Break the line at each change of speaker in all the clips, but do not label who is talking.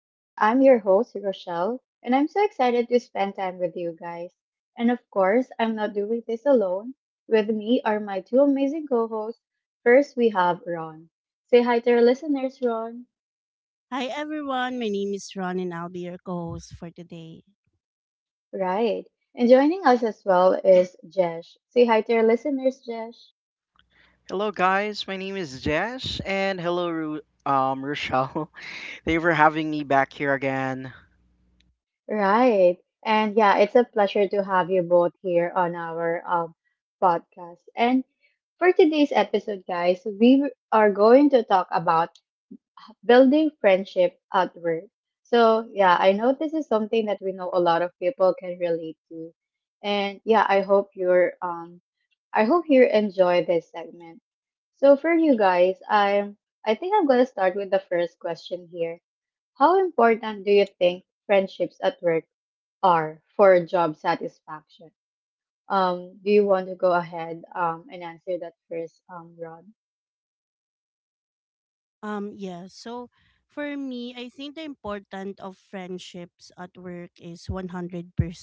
And I'm your host, Rochelle, and I'm so excited to spend time with you guys. And of course, I'm not doing this alone. With me are my two amazing co hosts. First, we have Ron. Say hi to our listeners, Ron.
Hi everyone, my name is Ron and I'll be your co host for today.
Right. And joining us as well is Jesh. Say hi to our listeners, Jesh.
Hello, guys. My name is Jess, and hello, Rochelle. Thank you for having me back here again.
Right. And yeah, it's a pleasure to have you both here on our podcast. And for today's episode, guys, are going to talk about building friendship at work. So, yeah, I know this is something that we know a lot of people can relate to. And yeah, I hope you enjoy this segment. So, for you guys, I think I'm going to start with the first question here. How important do you think friendships at work R for job satisfaction. Do you want to go ahead and answer that first, Rod?
Yeah. So for me, I think the importance of friendships at work is 100%.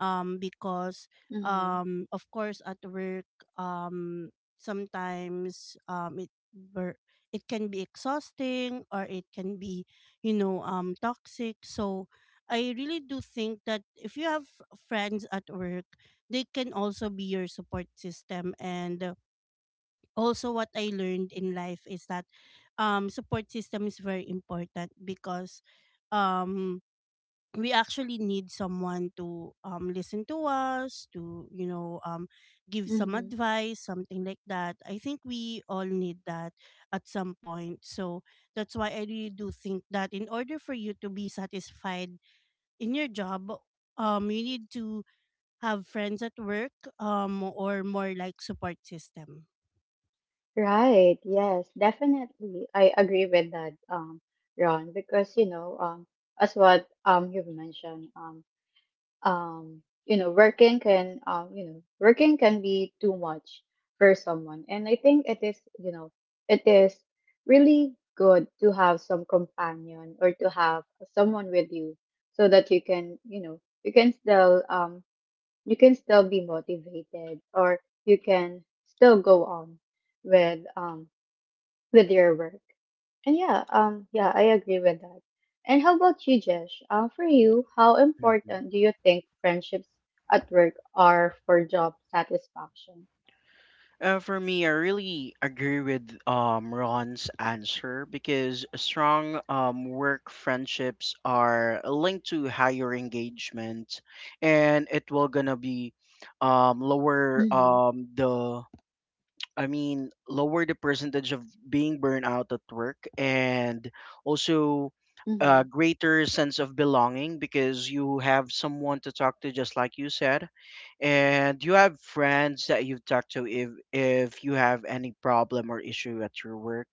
Um, because,
Mm-hmm.
of course, at work, um, sometimes, it can be exhausting or it can be, you know, toxic. So I really do think that if you have friends at work, they can also be your support system. And also what I learned in life is that support system is very important because um we actually need someone to listen to us, to give some
Mm-hmm.
advice, something like that. I think we all need that at some point. So that's why I really do think that in order for you to be satisfied in your job, you need to have friends at work, or more like support system.
Right. Yes, definitely. I agree with that, Ron, because as what you've mentioned, you know working can you know working can be too much for someone, and I think it is, you know, it is really good to have some companion or to have someone with you, so that you can, you know, you can still be motivated or you can still go on with um with your work. And yeah, yeah, I agree with that. And how about you, Jesh? For you, how
Mhm.
important do you think friendships at work are for job satisfaction?
For me, I really agree with Ron's answer because strong work friendships are linked to higher engagement, and it will gonna be lower
Mm-hmm.
the I mean, lower the percentage of being burned out at work, and also
Mm-hmm.
a greater sense of belonging because you have someone to talk to, just like you said, and you have friends that you've talked to if you have any problem or issue at your work.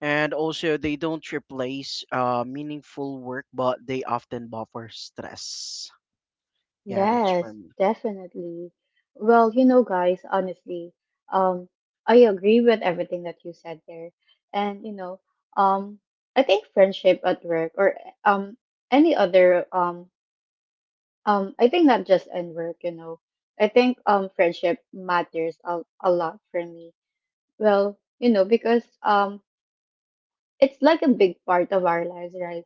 And also, they don't replace meaningful work, but they often buffer stress. Yeah, that's for
Yes,
me.
definitely. Well, you know, guys, honestly, um, I agree with everything that you said there. And you know, um, I think friendship at work or um any other I think not just in work, you know. I think friendship matters a lot for me. Well, you know, because it's like a big part of our lives, right?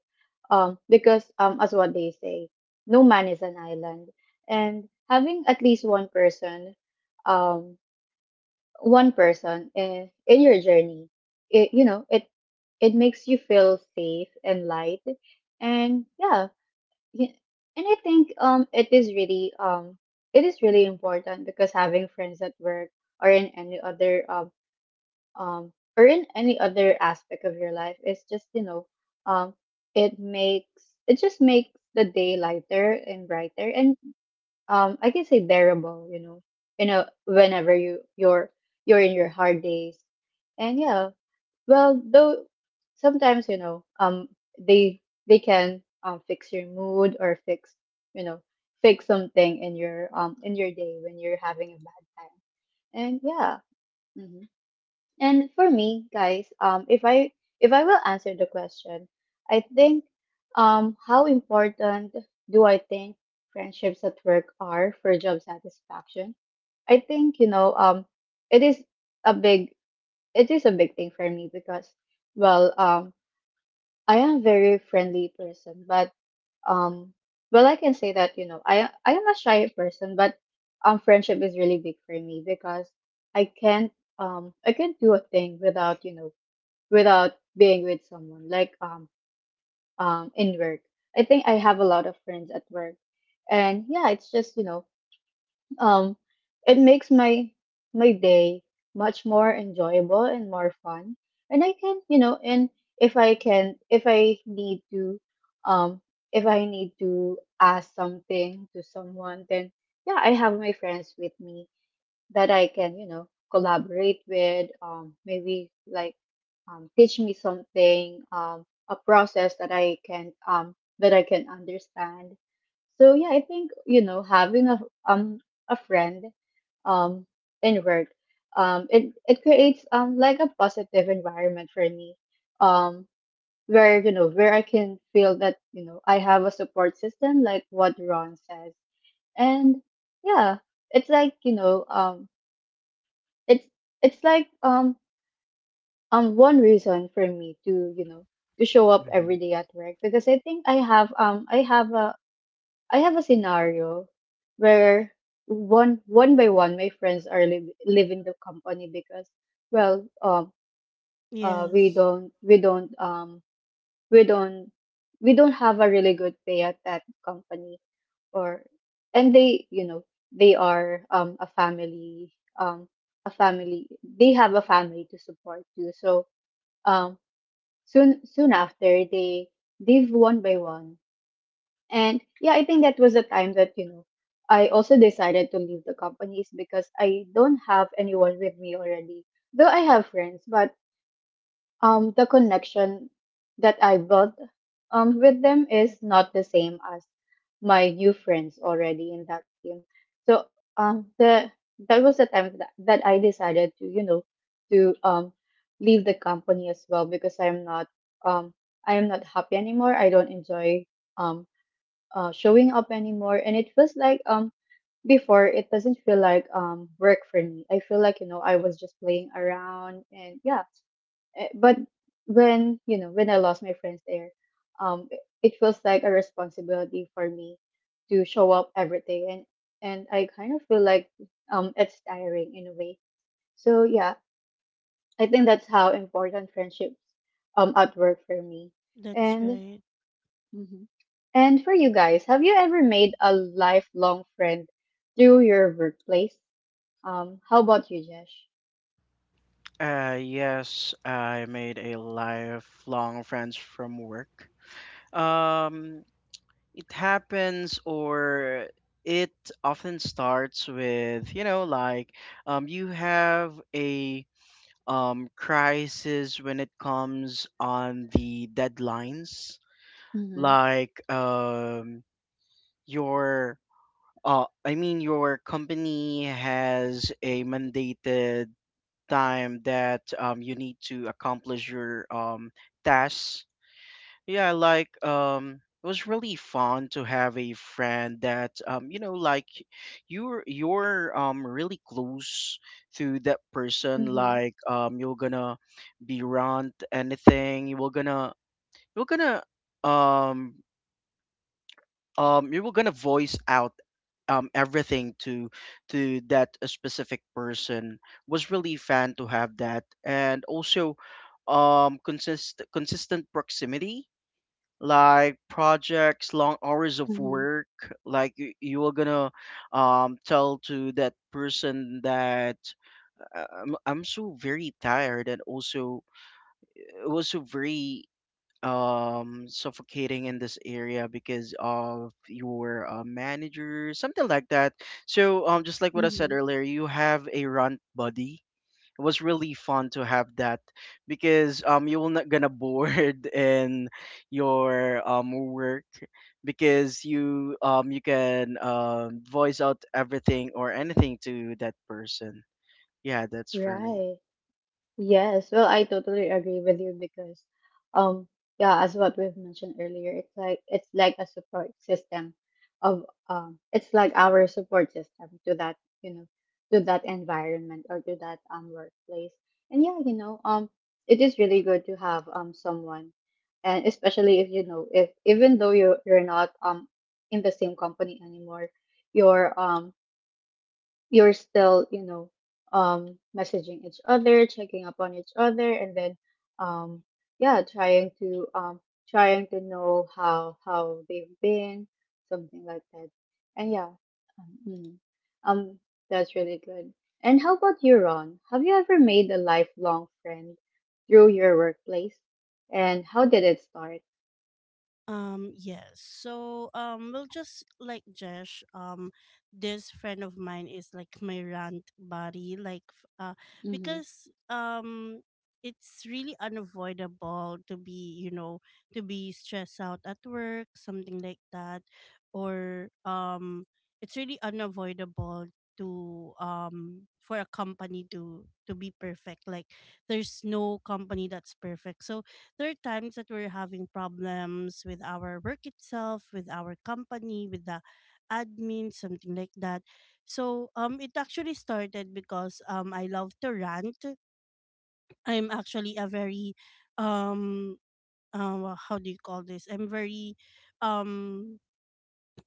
Because As what they say, no man is an island. And having at least um one person in your journey, it it makes you feel safe and light. And yeah, yeah, and I think it is really important, because having friends at work or in any other um or in any other aspect of your life is just, you know, um it makes it just makes the day lighter and brighter and I can say bearable, you know, you know whenever you're in your hard days. And yeah, well, though sometimes, you know, they they can fix your mood or fix, you know, fix something in your day when you're having a bad time. And yeah. hmm And for me, guys, if I will answer the question, I think how important do I think friendships at work are for job satisfaction? I think, you know, it is a big, it is a big thing for me, because well um I am a very friendly person, but um, well, I can say that, you know, I am a shy person, but friendship is really big for me because I can't I can't do a thing without, you know, without being with someone, like in work. I think I have a lot of friends at work, and yeah, it's just, you know, um, it makes my my day much more enjoyable and more fun. And I can, you know, and if I can, if I need to, um, if I need to ask something to someone, then yeah, I have my friends with me that I can, you know, collaborate with, maybe like teach me something, a process that I can understand. So yeah, I think, you know, having um a friend um in work, it it creates like a positive environment for me, um where, you know, where I can feel that, you know, I have a support system like what Ron says. And yeah, it's like, you know, it's it's like um one reason for me to, you know, to show up
Mm-hmm.
every day at work, because I think I have a scenario where one by one my friends are leaving the company, because well um we
Yes.
don't we don't we don't have a really good pay at that company, or, and they, you know, they are a family, um a family, they have a family to support too. So um soon after, they leave one by one. And yeah, I think that was a time that, you know, I also decided to leave the companies, because I don't have anyone with me already, though I have friends. But the connection that I built with them is not the same as my new friends already in that team. So the that was the time that, that I decided to, you know, to leave the company as well, because I'm not um, I am not happy anymore. I don't enjoy um, showing up anymore, and it feels like before it doesn't feel like work for me. I feel like, you know, I was just playing around. And yeah, eh, but when, you know, when I lost my friends there, it it feels like a responsibility for me to show up every day, and I kind of feel like it's tiring in a way. So yeah, I think that's how important friendships at work for me.
That's
And
right.
mhm. And for you guys, have you ever made a lifelong friend through your workplace? How about you, Jesh?
Yes, I made a lifelong friends from work. Um, it happens or it often starts with, you know, like you have a crisis when it comes on the deadlines,
Mm-hmm.
like your I mean, your company has a mandated time that you need to accomplish your tasks. Yeah, like it was really fun to have a friend that you know, like you're really close to that person.
Mm-hmm.
Like you're gonna be around anything. You're gonna um you were gonna voice out everything to that specific person. Was really fun to have that, and also consistent proximity, like projects, long hours of
Mm-hmm.
work, like you were gonna tell to that person that I'm so very tired, and also it was so very suffocating in this area because of your manager, something like that. So just like what I
Mm-hmm.
said earlier, you have a runt buddy. It was really fun to have that because you will not gonna bored in your work, because you can voice out everything or anything to that person. Yeah, that's for me.
Right. Yes, well, I totally agree with you, because, um, yeah, as what we've mentioned earlier, it's like, it's like a support system of it's like our support system to that, you know, to that environment or to that workplace. And yeah, you know, it is really good to have someone, and especially if, you know, if even though you're not in the same company anymore, your you're still, you know, messaging each other, checking up on each other, and then, um, yeah, trying to trying to know how they've been, something like that. And yeah, um, mm, um, that's really good. And how about you, Ron? Have you ever made a lifelong friend through your workplace? And how did it start?
Yes. So we'll Just like Jesh, this friend of mine is like my rant buddy, like,
Mm-hmm.
because it's really unavoidable to be, you know, to be stressed out at work, something like that, or it's really unavoidable to for a company to be perfect. Like there's no company that's perfect, so there are times that we're having problems with our work itself, with our company, with the admin, something like that. So it actually started because I love to rant. I'm actually a very um, how do you call this? I'm very um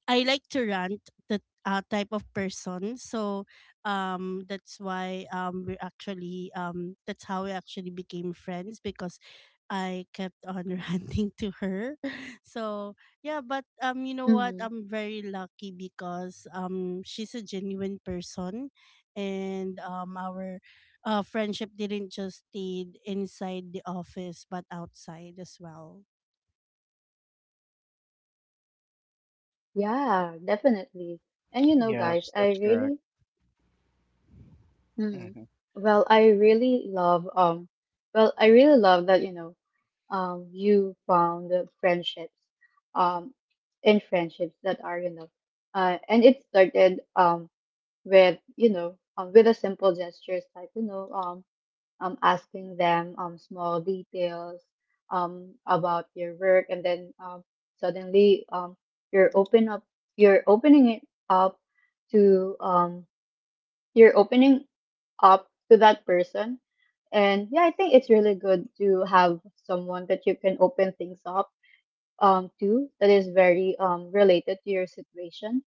I like to rant, the type of person. So that's why we actually that's how we actually became friends because I kept on ranting to her. So yeah, but you know what?
Mm-hmm.
I'm very lucky because she's a genuine person, and our friendship didn't just stay inside the office but outside as well.
Yeah, definitely. And you know, guys,
Yes,
I
that's correct.
really Mm.
Mm-hmm,
Well, I really love well, I really love that, you know, you found the friendships um in friendships that are, you know, and it started with, you know, with a simple gestures like, you know, asking them small details about your work, and then suddenly you're open up you're opening it up to you're opening up to that person. And yeah, I think it's really good to have someone that you can open things up to, that is very related to your situation.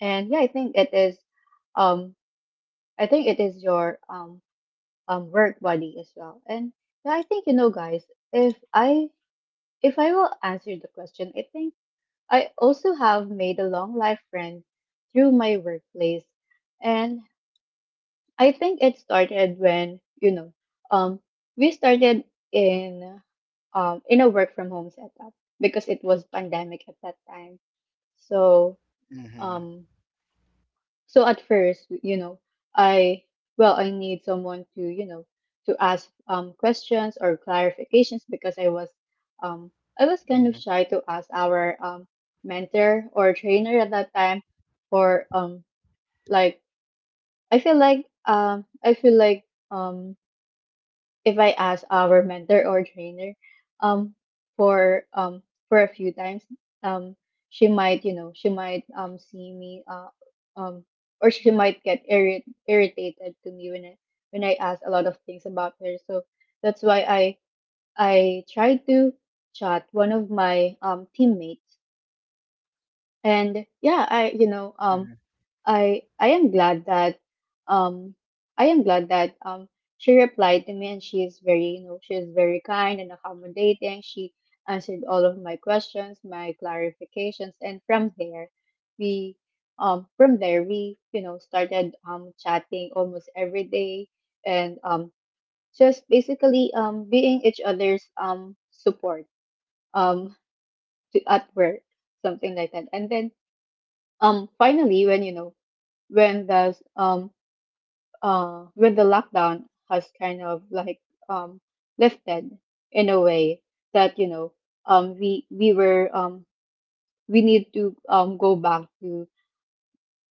And yeah, I think it is um I think it is your work buddy as well. And yeah, I think, you know, guys, if I if I will answer the question, I think I also have made a long life friend through my workplace. And I think it started when, you know, um, we started in in a work from home setup, because it was pandemic at that time. So
mm-hmm,
um so at first, you know, I I need someone to, you know, to ask questions or clarifications, because um I was kind
mm-hmm,
of shy to ask our mentor or trainer at that time for like I feel like I feel like um if I ask our mentor or trainer um for um for a few times, um she might, you know, she might see me um or she might get irritated to me when I ask a lot of things about her. So that's why I tried to chat one of my teammates. And yeah, I, you know, I am glad that um I am glad that she replied to me, and she is very, you know, she is very kind and accommodating. She answered all of my questions, my clarifications, and from there we from there we started chatting almost every day and just basically being each other's support um at work, something like that. And then finally when when the um when the lockdown has kind of like um, lifted in a way that we were we need to um, go back to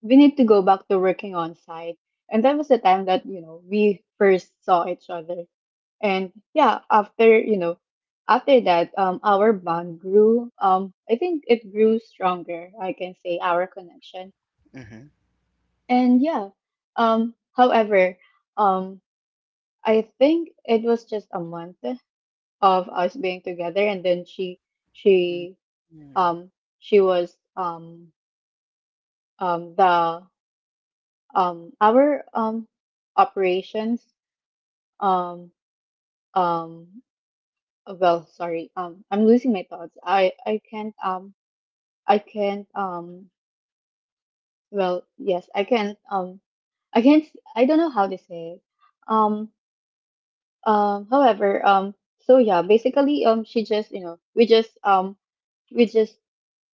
we need to go back to working on site. And that was the time that we first saw each other. And yeah, after after that, our bond grew, I think it grew stronger, I can say, our connection.
mm-hmm.
And yeah, however, um, I think it was just a month of us being together, and then she
Mm,
she
mm,
um she was the our operations— um um well, sorry, I'm losing my thoughts. I can't, I can't um well, yes, I can't, I can't. I don't know how to say it. um However, so yeah, basically, she just you know we just we just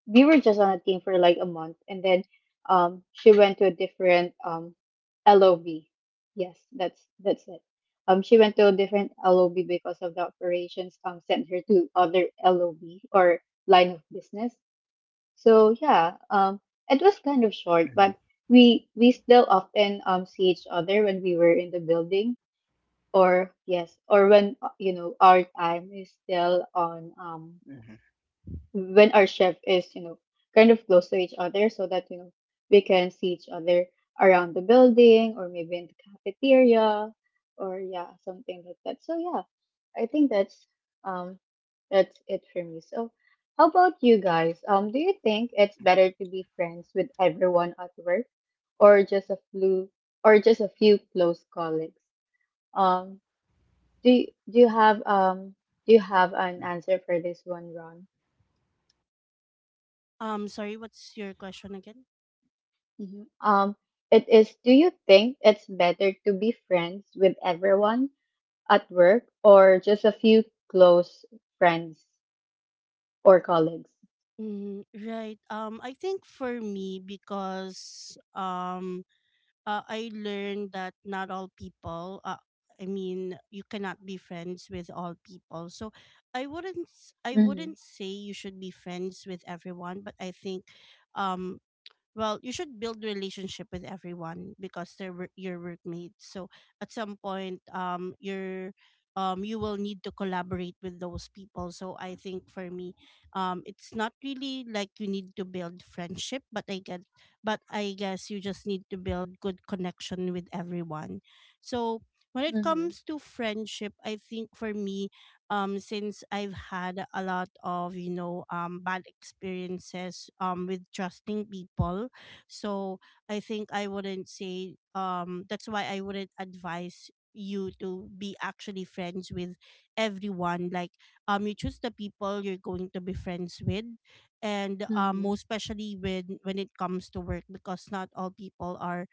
we were just on a team for like a month, and then she went to a different LOB. Yes, that's it. She went to a different LOB because of the operations sent her to other LOB, or line of business. So yeah, it was kind of short,
mhm,
but we still often see each other when we were in the building. Or yes, or when our time is still on.
mhm,
When our chef is, kind of close to each other so that, we can see each other around the building, or maybe in the cafeteria, or yeah, something like that. So yeah, I think um that's it for me. So how about you guys? Do you think it's better to be friends with everyone at work, or just a few or just a few close colleagues? Um do you, do you have um do you have an
mhm.
answer for this one, Ron?
Sorry, what's your question again?
Mhm. It is, do you think it's better to be friends with everyone at work or just a few close friends or colleagues?
Mm, right. I think for me, because I learned that not all people. I mean, you cannot be friends with all people. So, I
Mm-hmm.
wouldn't say you should be friends with everyone, but I think, um, well, you should build relationship with everyone because your workmates, so at some point you're you will need to collaborate with those people. So I think for me, it's not really like you need to build friendship, but I get but I guess you just need to build good connection with everyone. So when it
Mm-hmm.
comes to friendship, I think for me, since I've had a lot of, you know, bad experiences with trusting people, so I think I wouldn't say that's why I wouldn't advise you to be actually friends with everyone. Like you choose the people you're going to be friends with, and
Mm-hmm.
most especially when it comes to work, because not all people are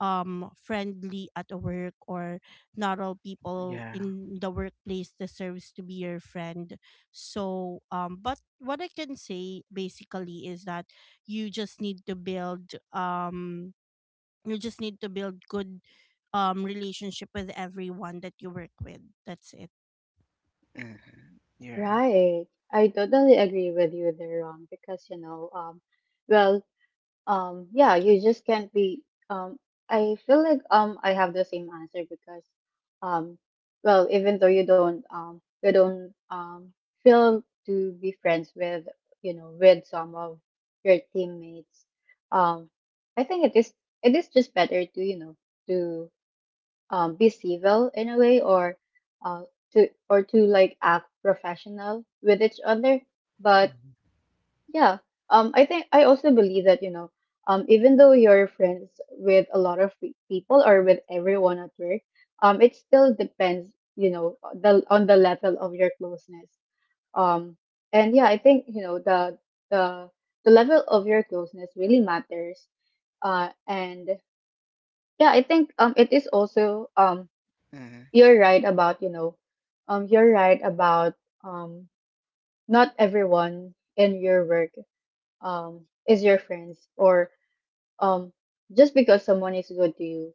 friendly at work, or not all people
Yeah.
in the workplace deserves to be your friend. So but what I can say basically is that you just need to build good relationship with everyone that you work with. That's it.
Mhm. Yeah.
Right. I totally agree with you there, Ron, because well, yeah, you just can't be. Um, I feel like I have the same answer, because um well, even though you don't feel to be friends with with some of your teammates, um I think it is, it is just better to to be civil in a way, or uh to, like, act professional with each other. But
Mhm,
yeah. I think I also believe that, even though you're friends with a lot of pe- people, or with everyone at work, it still depends, on the level of your closeness. Um, and yeah, I think, the the level of your closeness really matters. And yeah, I think it is also
mhm,
you're right about, you're right about um not everyone in your work um is your friends. Or um just because someone is good to you,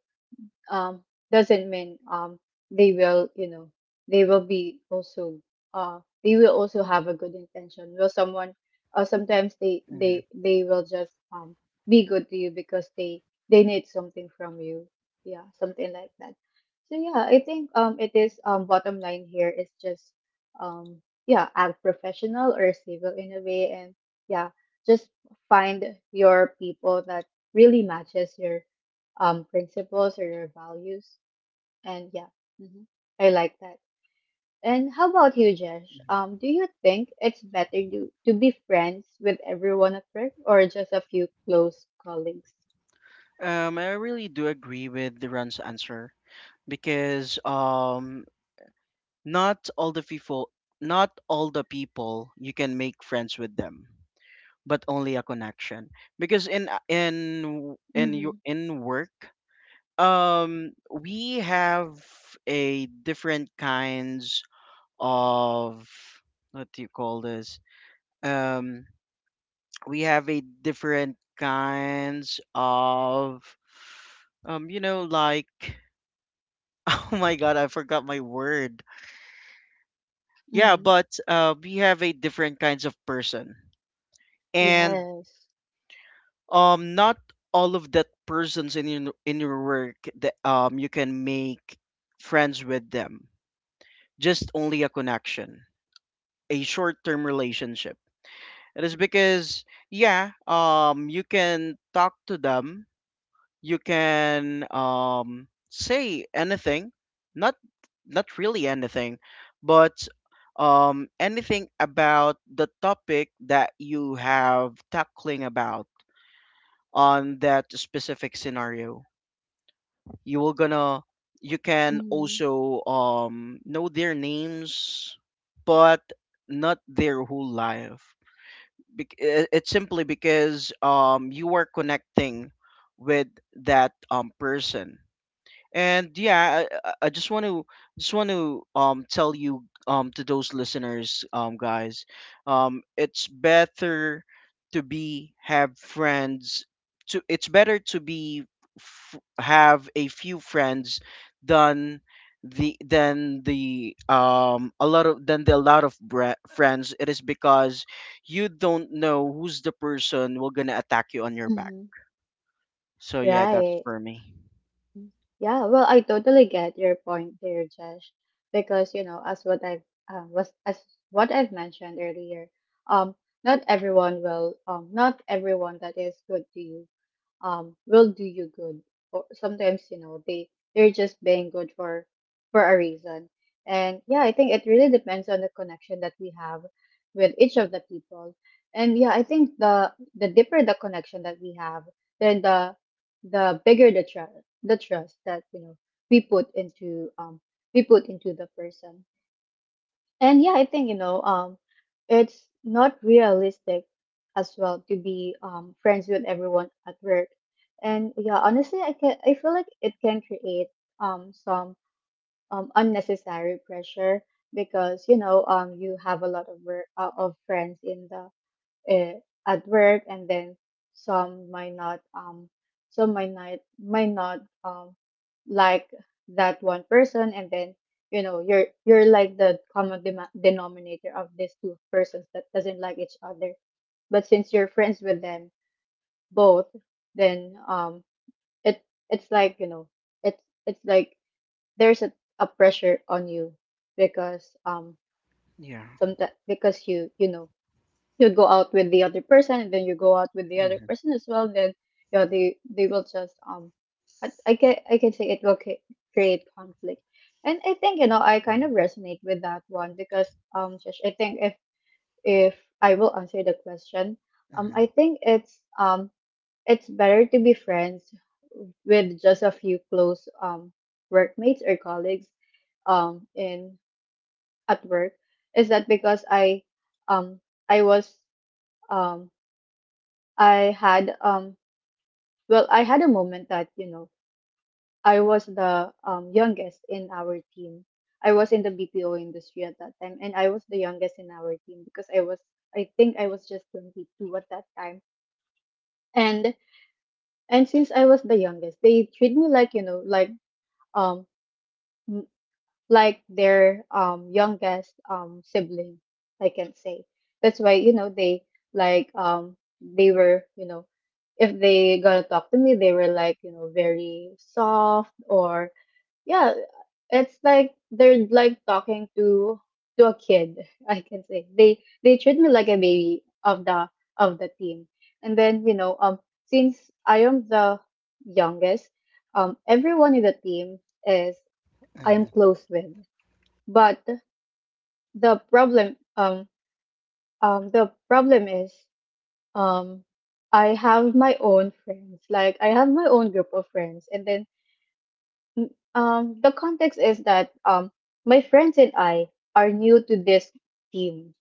um, doesn't mean they will, they will be also, they will also have a good intention. Will someone, sometimes they
mhm,
they they will just, be good to you because they need something from you. Yeah, something like that. So yeah, I think it is, bottom line here is just, um yeah, act professional or civil in a way. And yeah, just find your people that really matches your principles or your values. And yeah. Hmm. I like that. And how about you, Jesh?
mhm.
Do you think it's better to be friends with everyone at work, or just a few close colleagues?
I really do agree with Duran's answer because not all the people, not all the people, you can make friends with them, but only a connection. Because in in in
Mm-hmm.
your in work, we have a different kinds of what do you call this? Um, we have a different kinds of you know, like oh my god, I forgot my word. Yeah,
Mm-hmm.
but we have a different kinds of person. And
Yes.
Not all of that persons in your work that you can make friends with them, just only a connection, a short-term relationship. It is because, yeah, you can talk to them, you can say anything, not not really anything, but anything about the topic that you have tackling about on that specific scenario. You will gonna You can
Mm-hmm.
also know their names, but not their whole life. It's simply because you are connecting with that person. And yeah, I just want to tell you to those listeners guys, it's better to be have friends to it's better to have a few friends than than the a lot of than the lot of friends. It is because you don't know who's the person who gonna attack you on your back.
Mm-hmm.
So yeah, that's
Right.
for me.
Mm. Yeah, well, I totally get your point there, Jesh, because as what I've was as what I've mentioned earlier, um not everyone that is good to you will do you good. Or sometimes, they they're just being good for a reason. And yeah, I think it really depends on the connection that we have with each of the people. And yeah, I think the deeper the connection that we have, then the bigger the trust, the trust that, we put into, we put into the person. And yeah, I think, it's not realistic as well to be, friends with everyone at work. And yeah, honestly, I feel like it can create some unnecessary pressure because, you have a lot of work, of friends in the uh, at work, and then some might not might not like that one person, and then you're like the common dem- denominator of these two persons that doesn't like each other, but since you're friends with them both, then it it's like, it's it's like there's a pressure on you because,
Yeah.
sometimes, because you go out with the other person, and then you go out with the other
Mhm.
person as well. Then yeah, they will just, I can say it will ca- create conflict. And I think, I kind of resonate with that one because, Josh, I think if if I will answer the question,
Yeah.
I think it's better to be friends with just a few close workmates or colleagues in at work. Is that because um i was um I had well, I had a moment that, I was the youngest in our team. I was in the BPO industry at that time, and I was the youngest in our team because I think I was just 22 at that time. And since I was the youngest, they treat me like, like, um like their youngest sibling, I can say. That's why, they, like, they were, if they gonna talk to me, they were like, very soft. Or yeah, it's like they're like talking to a kid. I can say they treat me like a baby of the, of the team. And then, since I am the youngest, everyone in the team is I am
Mhm,
close with. But the problem, the problem is, um I have my own friends, like, I have my own group of friends. And then the context is that, my friends and I are new to this team.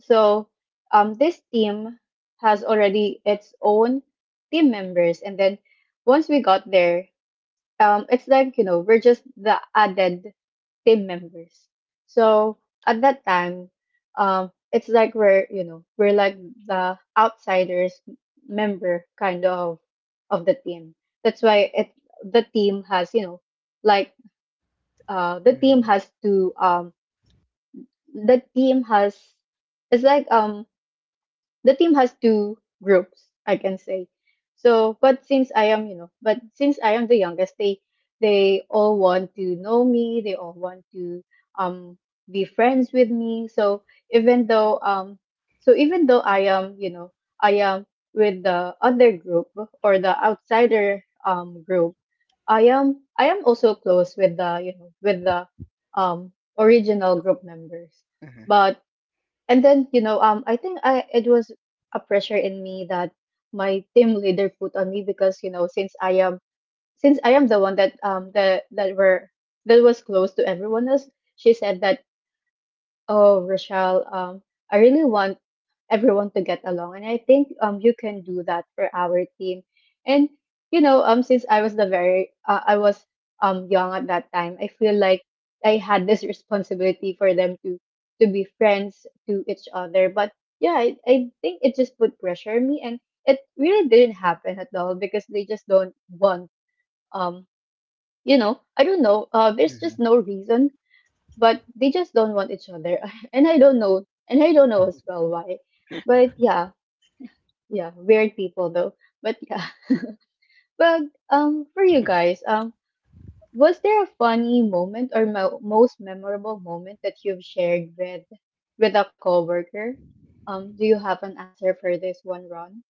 So this team has already its own team members. And then once we got there, it's like, we're just the added team members. So at that time, it's like we're, we're like the outsiders member kind of the team. That's why it, the team has, like, the team
mhm,
has to the team has it's like, the team has two groups, I can say. So but since I am, but since I am the youngest, they all want to know me, they all want to um be friends with me. So even though so even though I am, I am with the other group or the outsider group, I am, I am also close with the, with the um original group members.
mhm,
But and then, I think I it was a pressure in me that my team leader put on me because, since I am, since I am the one that that were, that was close to everyone else, she said that, "Oh, Rochelle, I really want everyone to get along, and I think you can do that for our team." And, since I was the very, I was young at that time, I feel like I had this responsibility for them to be friends to each other. But yeah, I think it just put pressure on me, and it really didn't happen at all because they just don't want, um I don't know, there's just
mhm.
no reason. But they just don't want each other. And I don't know, and I don't know as well why, but yeah. Yeah, weird people though. But yeah. But for you guys, was there a funny moment, or mo- most memorable moment, that you've shared with a coworker? Do you have an answer for this one, Ron?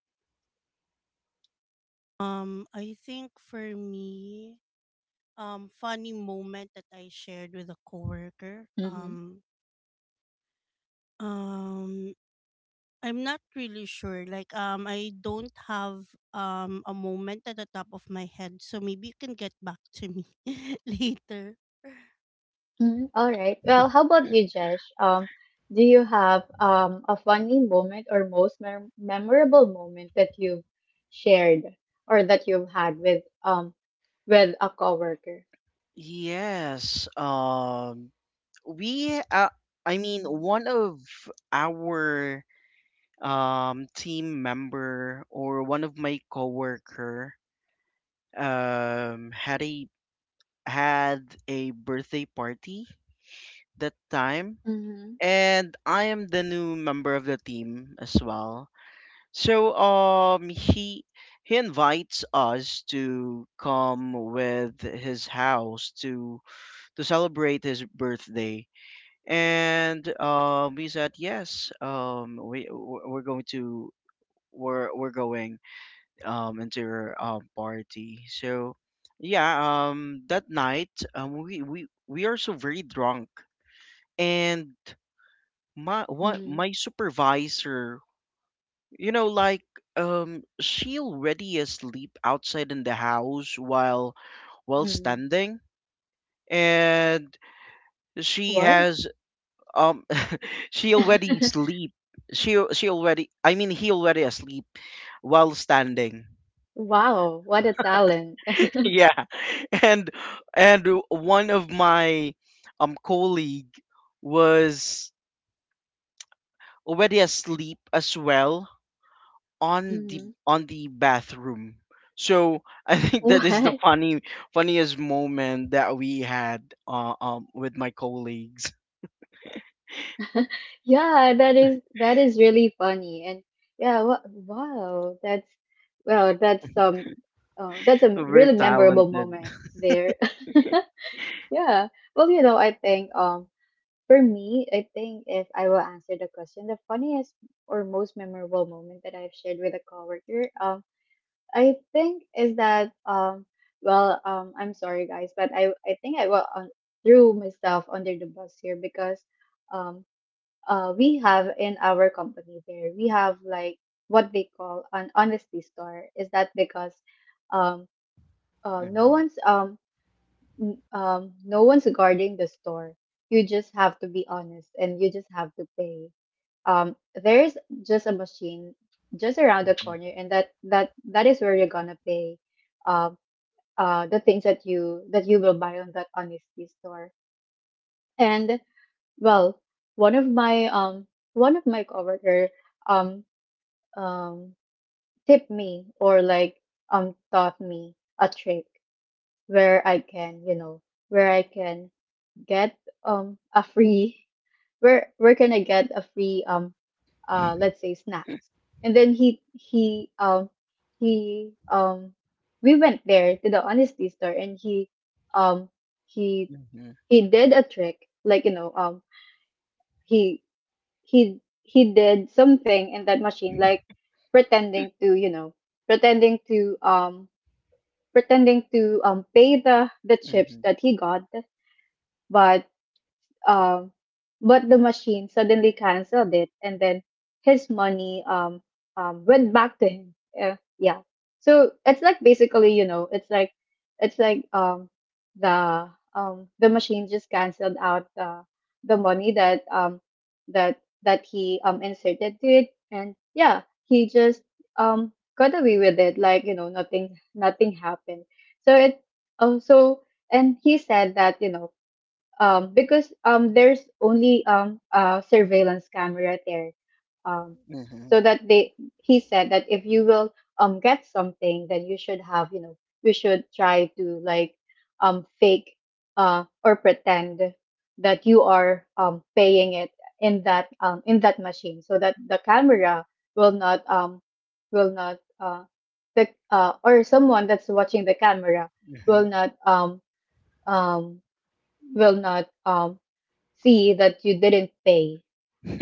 I think for me, funny moment that I shared with a coworker. Um, I'm not really sure. Like I don't have a moment at the top of my head, so maybe you can get back to me later.
Mhm. All right. Well, how about you, Jesh? Do you have a funny moment or most memorable moment that you've shared or that you've had with a coworker?
Yes. We, uh, I mean, one of our team member, or one of my coworker, um had a had a birthday party that time,
Mm-hmm.
and I am the new member of the team as well. So he invites us to come with his house to celebrate his birthday. And we said yes. We're going to we're going into your party. So yeah, that night we are so very drunk, and
Mm-hmm.
my supervisor, you know, like she already asleep outside in the house while
Mm-hmm.
standing, and she
What?
has um she already sleep. She already. I mean, he already asleep while standing.
Wow, what a talent.
Yeah, and one of my colleague was already asleep as well on the
Mm-hmm.
bathroom. So I think that is the
What?
funny funniest moment that we had with my colleagues.
Yeah, that is really funny. And yeah, wow, that's well, that's a
Very
really memorable
talented.
moment there. Yeah. Well, you know, I think for me, I think if I will answer the question, the funniest or most memorable moment that I've shared with a coworker, I think is that well, I'm sorry guys, but I think I will threw myself under the bus here because um we have in our company there. We have like what they call an honesty store. Is that because um, no
Mhm,
one's no one's guarding the store. You just have to be honest and you just have to pay. Um, there's just a machine just around the
mhm,
corner, and that is where you're gonna pay. Um, the things that you will buy on that honesty store. And well, one of my um one of my coworker um um, tip me or like taught me a trick where I can, you know, where I can get a free where can I get a free let's say snacks. And then he we went there to the honesty store and um he
mhm,
he did a trick like you know um he he he did something in that machine like pretending to you know pretending to pretending to pay the chips
mhm,
that he got but um, but the machine suddenly canceled it, and then his money went back to him. Yeah. So it's like basically, you know, it's like the the machine just canceled out the money that that that he inserted to it, and yeah, he just got away with it, like you know, nothing happened. So it so and he said that you know because there's only a surveillance camera there. Um,
mhm.
so that they, he said that if you will get something, then you should have, you know, you should try to like fake or pretend that you are paying it in that machine, so that the camera will not um, will not the or someone that's watching the camera will
Mhm.
not um, will not um, see that you didn't pay.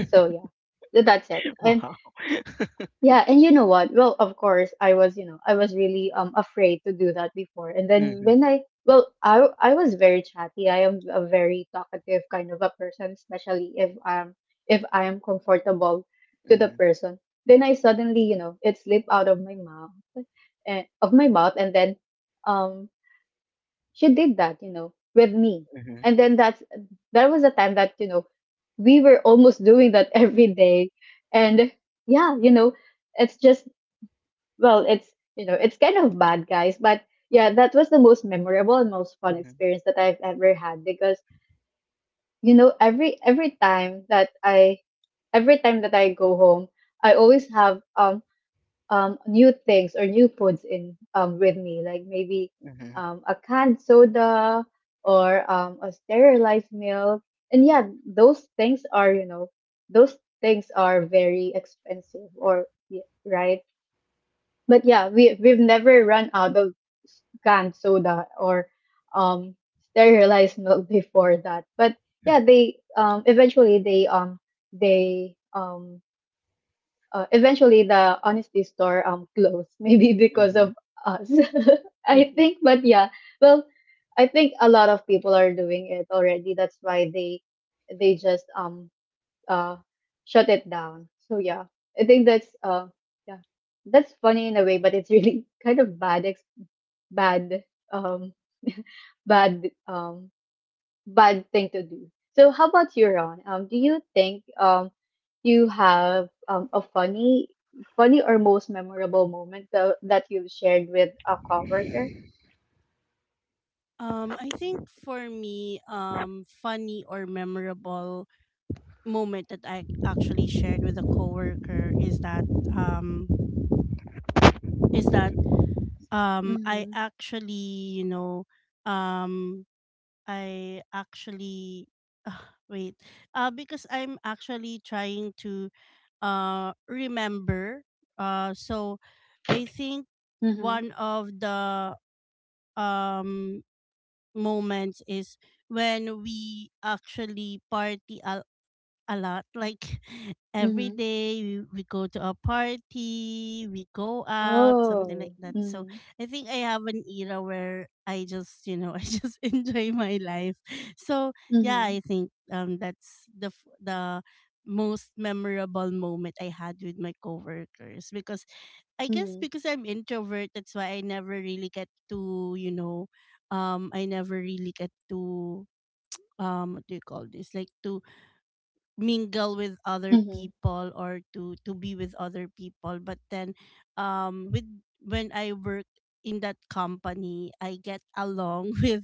So yeah, that's it. And
Wow.
yeah, and you know what? Well, of course, I was, you know, I was really afraid to do that before. And then
Mhm.
when I well, I was very chatty. I am a very talkative kind of a person, especially if I am comfortable to the
Mhm.
person. Then I suddenly, you know, it slipped out of my mouth, and of my mouth, and then um she did that, you know, with me.
Mhm.
And then that's there was a time that, you know, we were almost doing that every day. And yeah, you know, it's just well, it's you know, it's kind of bad guys, but yeah, that was the most memorable and most fun
Mhm.
experience that I've ever had because you know, every time that I every time that I go home, I always have new things or new foods in with me, like maybe
Mhm.
a canned soda or a sterilized milk. And yeah, those things are, you know, those things are very expensive or right. But yeah, we've never run out of canned soda or um, sterilized milk before that. But yeah, they eventually they eventually the honesty store closed maybe because
Mhm.
of us. I think. But yeah, well, I think a lot of people are doing it already. That's why they just uh shut it down. So yeah, I think that's yeah that's funny in a way, but it's really kind of bad ex- bad um bad bad thing to do. So how about you, Ron? Do you think you have a funny or most memorable moment that you've shared with a coworker?
I think for me, funny or memorable moment that I actually shared with a coworker is that I
Mm-hmm.
actually, you know, um I actually ah, wait. Because I'm actually trying to remember. So I think
Mm-hmm.
one of the um moments is when we actually party a lot. Like every
Mm-hmm.
day we go to a party, we go out, something like
Oh.
that. So
Mm-hmm.
I think I have an era where I just, you know, I just enjoy my life. So yeah,
Mm-hmm.
I think that's the most memorable moment I had with my coworkers, because I guess
Mm-hmm.
because I'm introvert, that's why I never really get to, you know, I never really get to what do you call this? Like to mingle with other
Mm-hmm.
people, or to be with other people. But then with when I work in that company, I get along with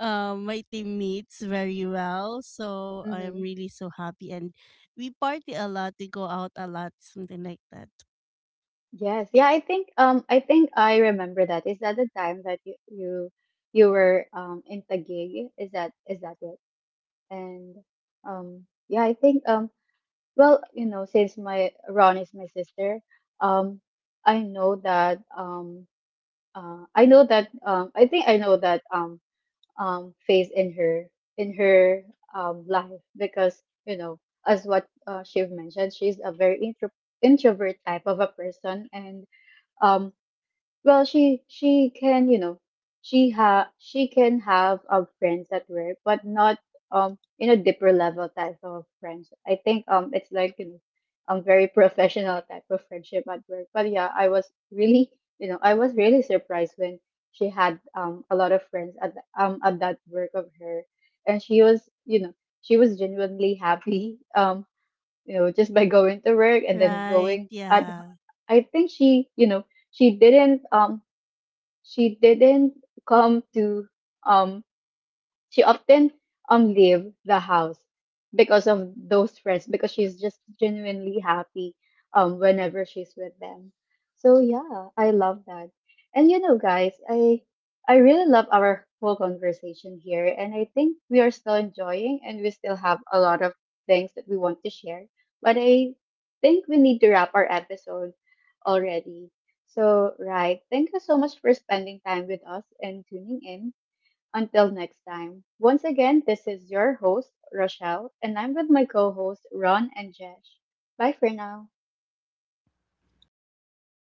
my teammates very well, so I am
Mm-hmm.
really so happy, and we party a lot, we go out a lot, something like that.
Yes. Yeah, I think I think I remember that. Is that the time that you were in Taguig? Is that it? And yeah, I think well, you know, since my Ron is my sister, um, I know that I know that I think I know that phase in her life because you know, as what she mentioned, she's a very introvert type of a person, and um, well, she can, you know, she can have friends at work, but not in a deeper level type of friends. I think it's like you know, very professional type of friendship at work. But yeah, I was really you know I was really surprised when she had a lot of friends at the, at that work of her, and she was you know she was genuinely happy you know just by going to work and then
Right.
going at
Yeah.
I think she you know she didn't um she didn't come to um she often leave the house because of those friends because she's just genuinely happy whenever she's with them. So yeah, I love that. And you know guys, I really love our whole conversation here, and I think we are still enjoying and we still have a lot of things that we want to share. But I think we need to wrap our episode already. So right, thank you so much for spending time with us and tuning in until next time. Once again, this is your host, Rochelle, and I'm with my co host, Ron and Jesh. Bye for now.
Wow.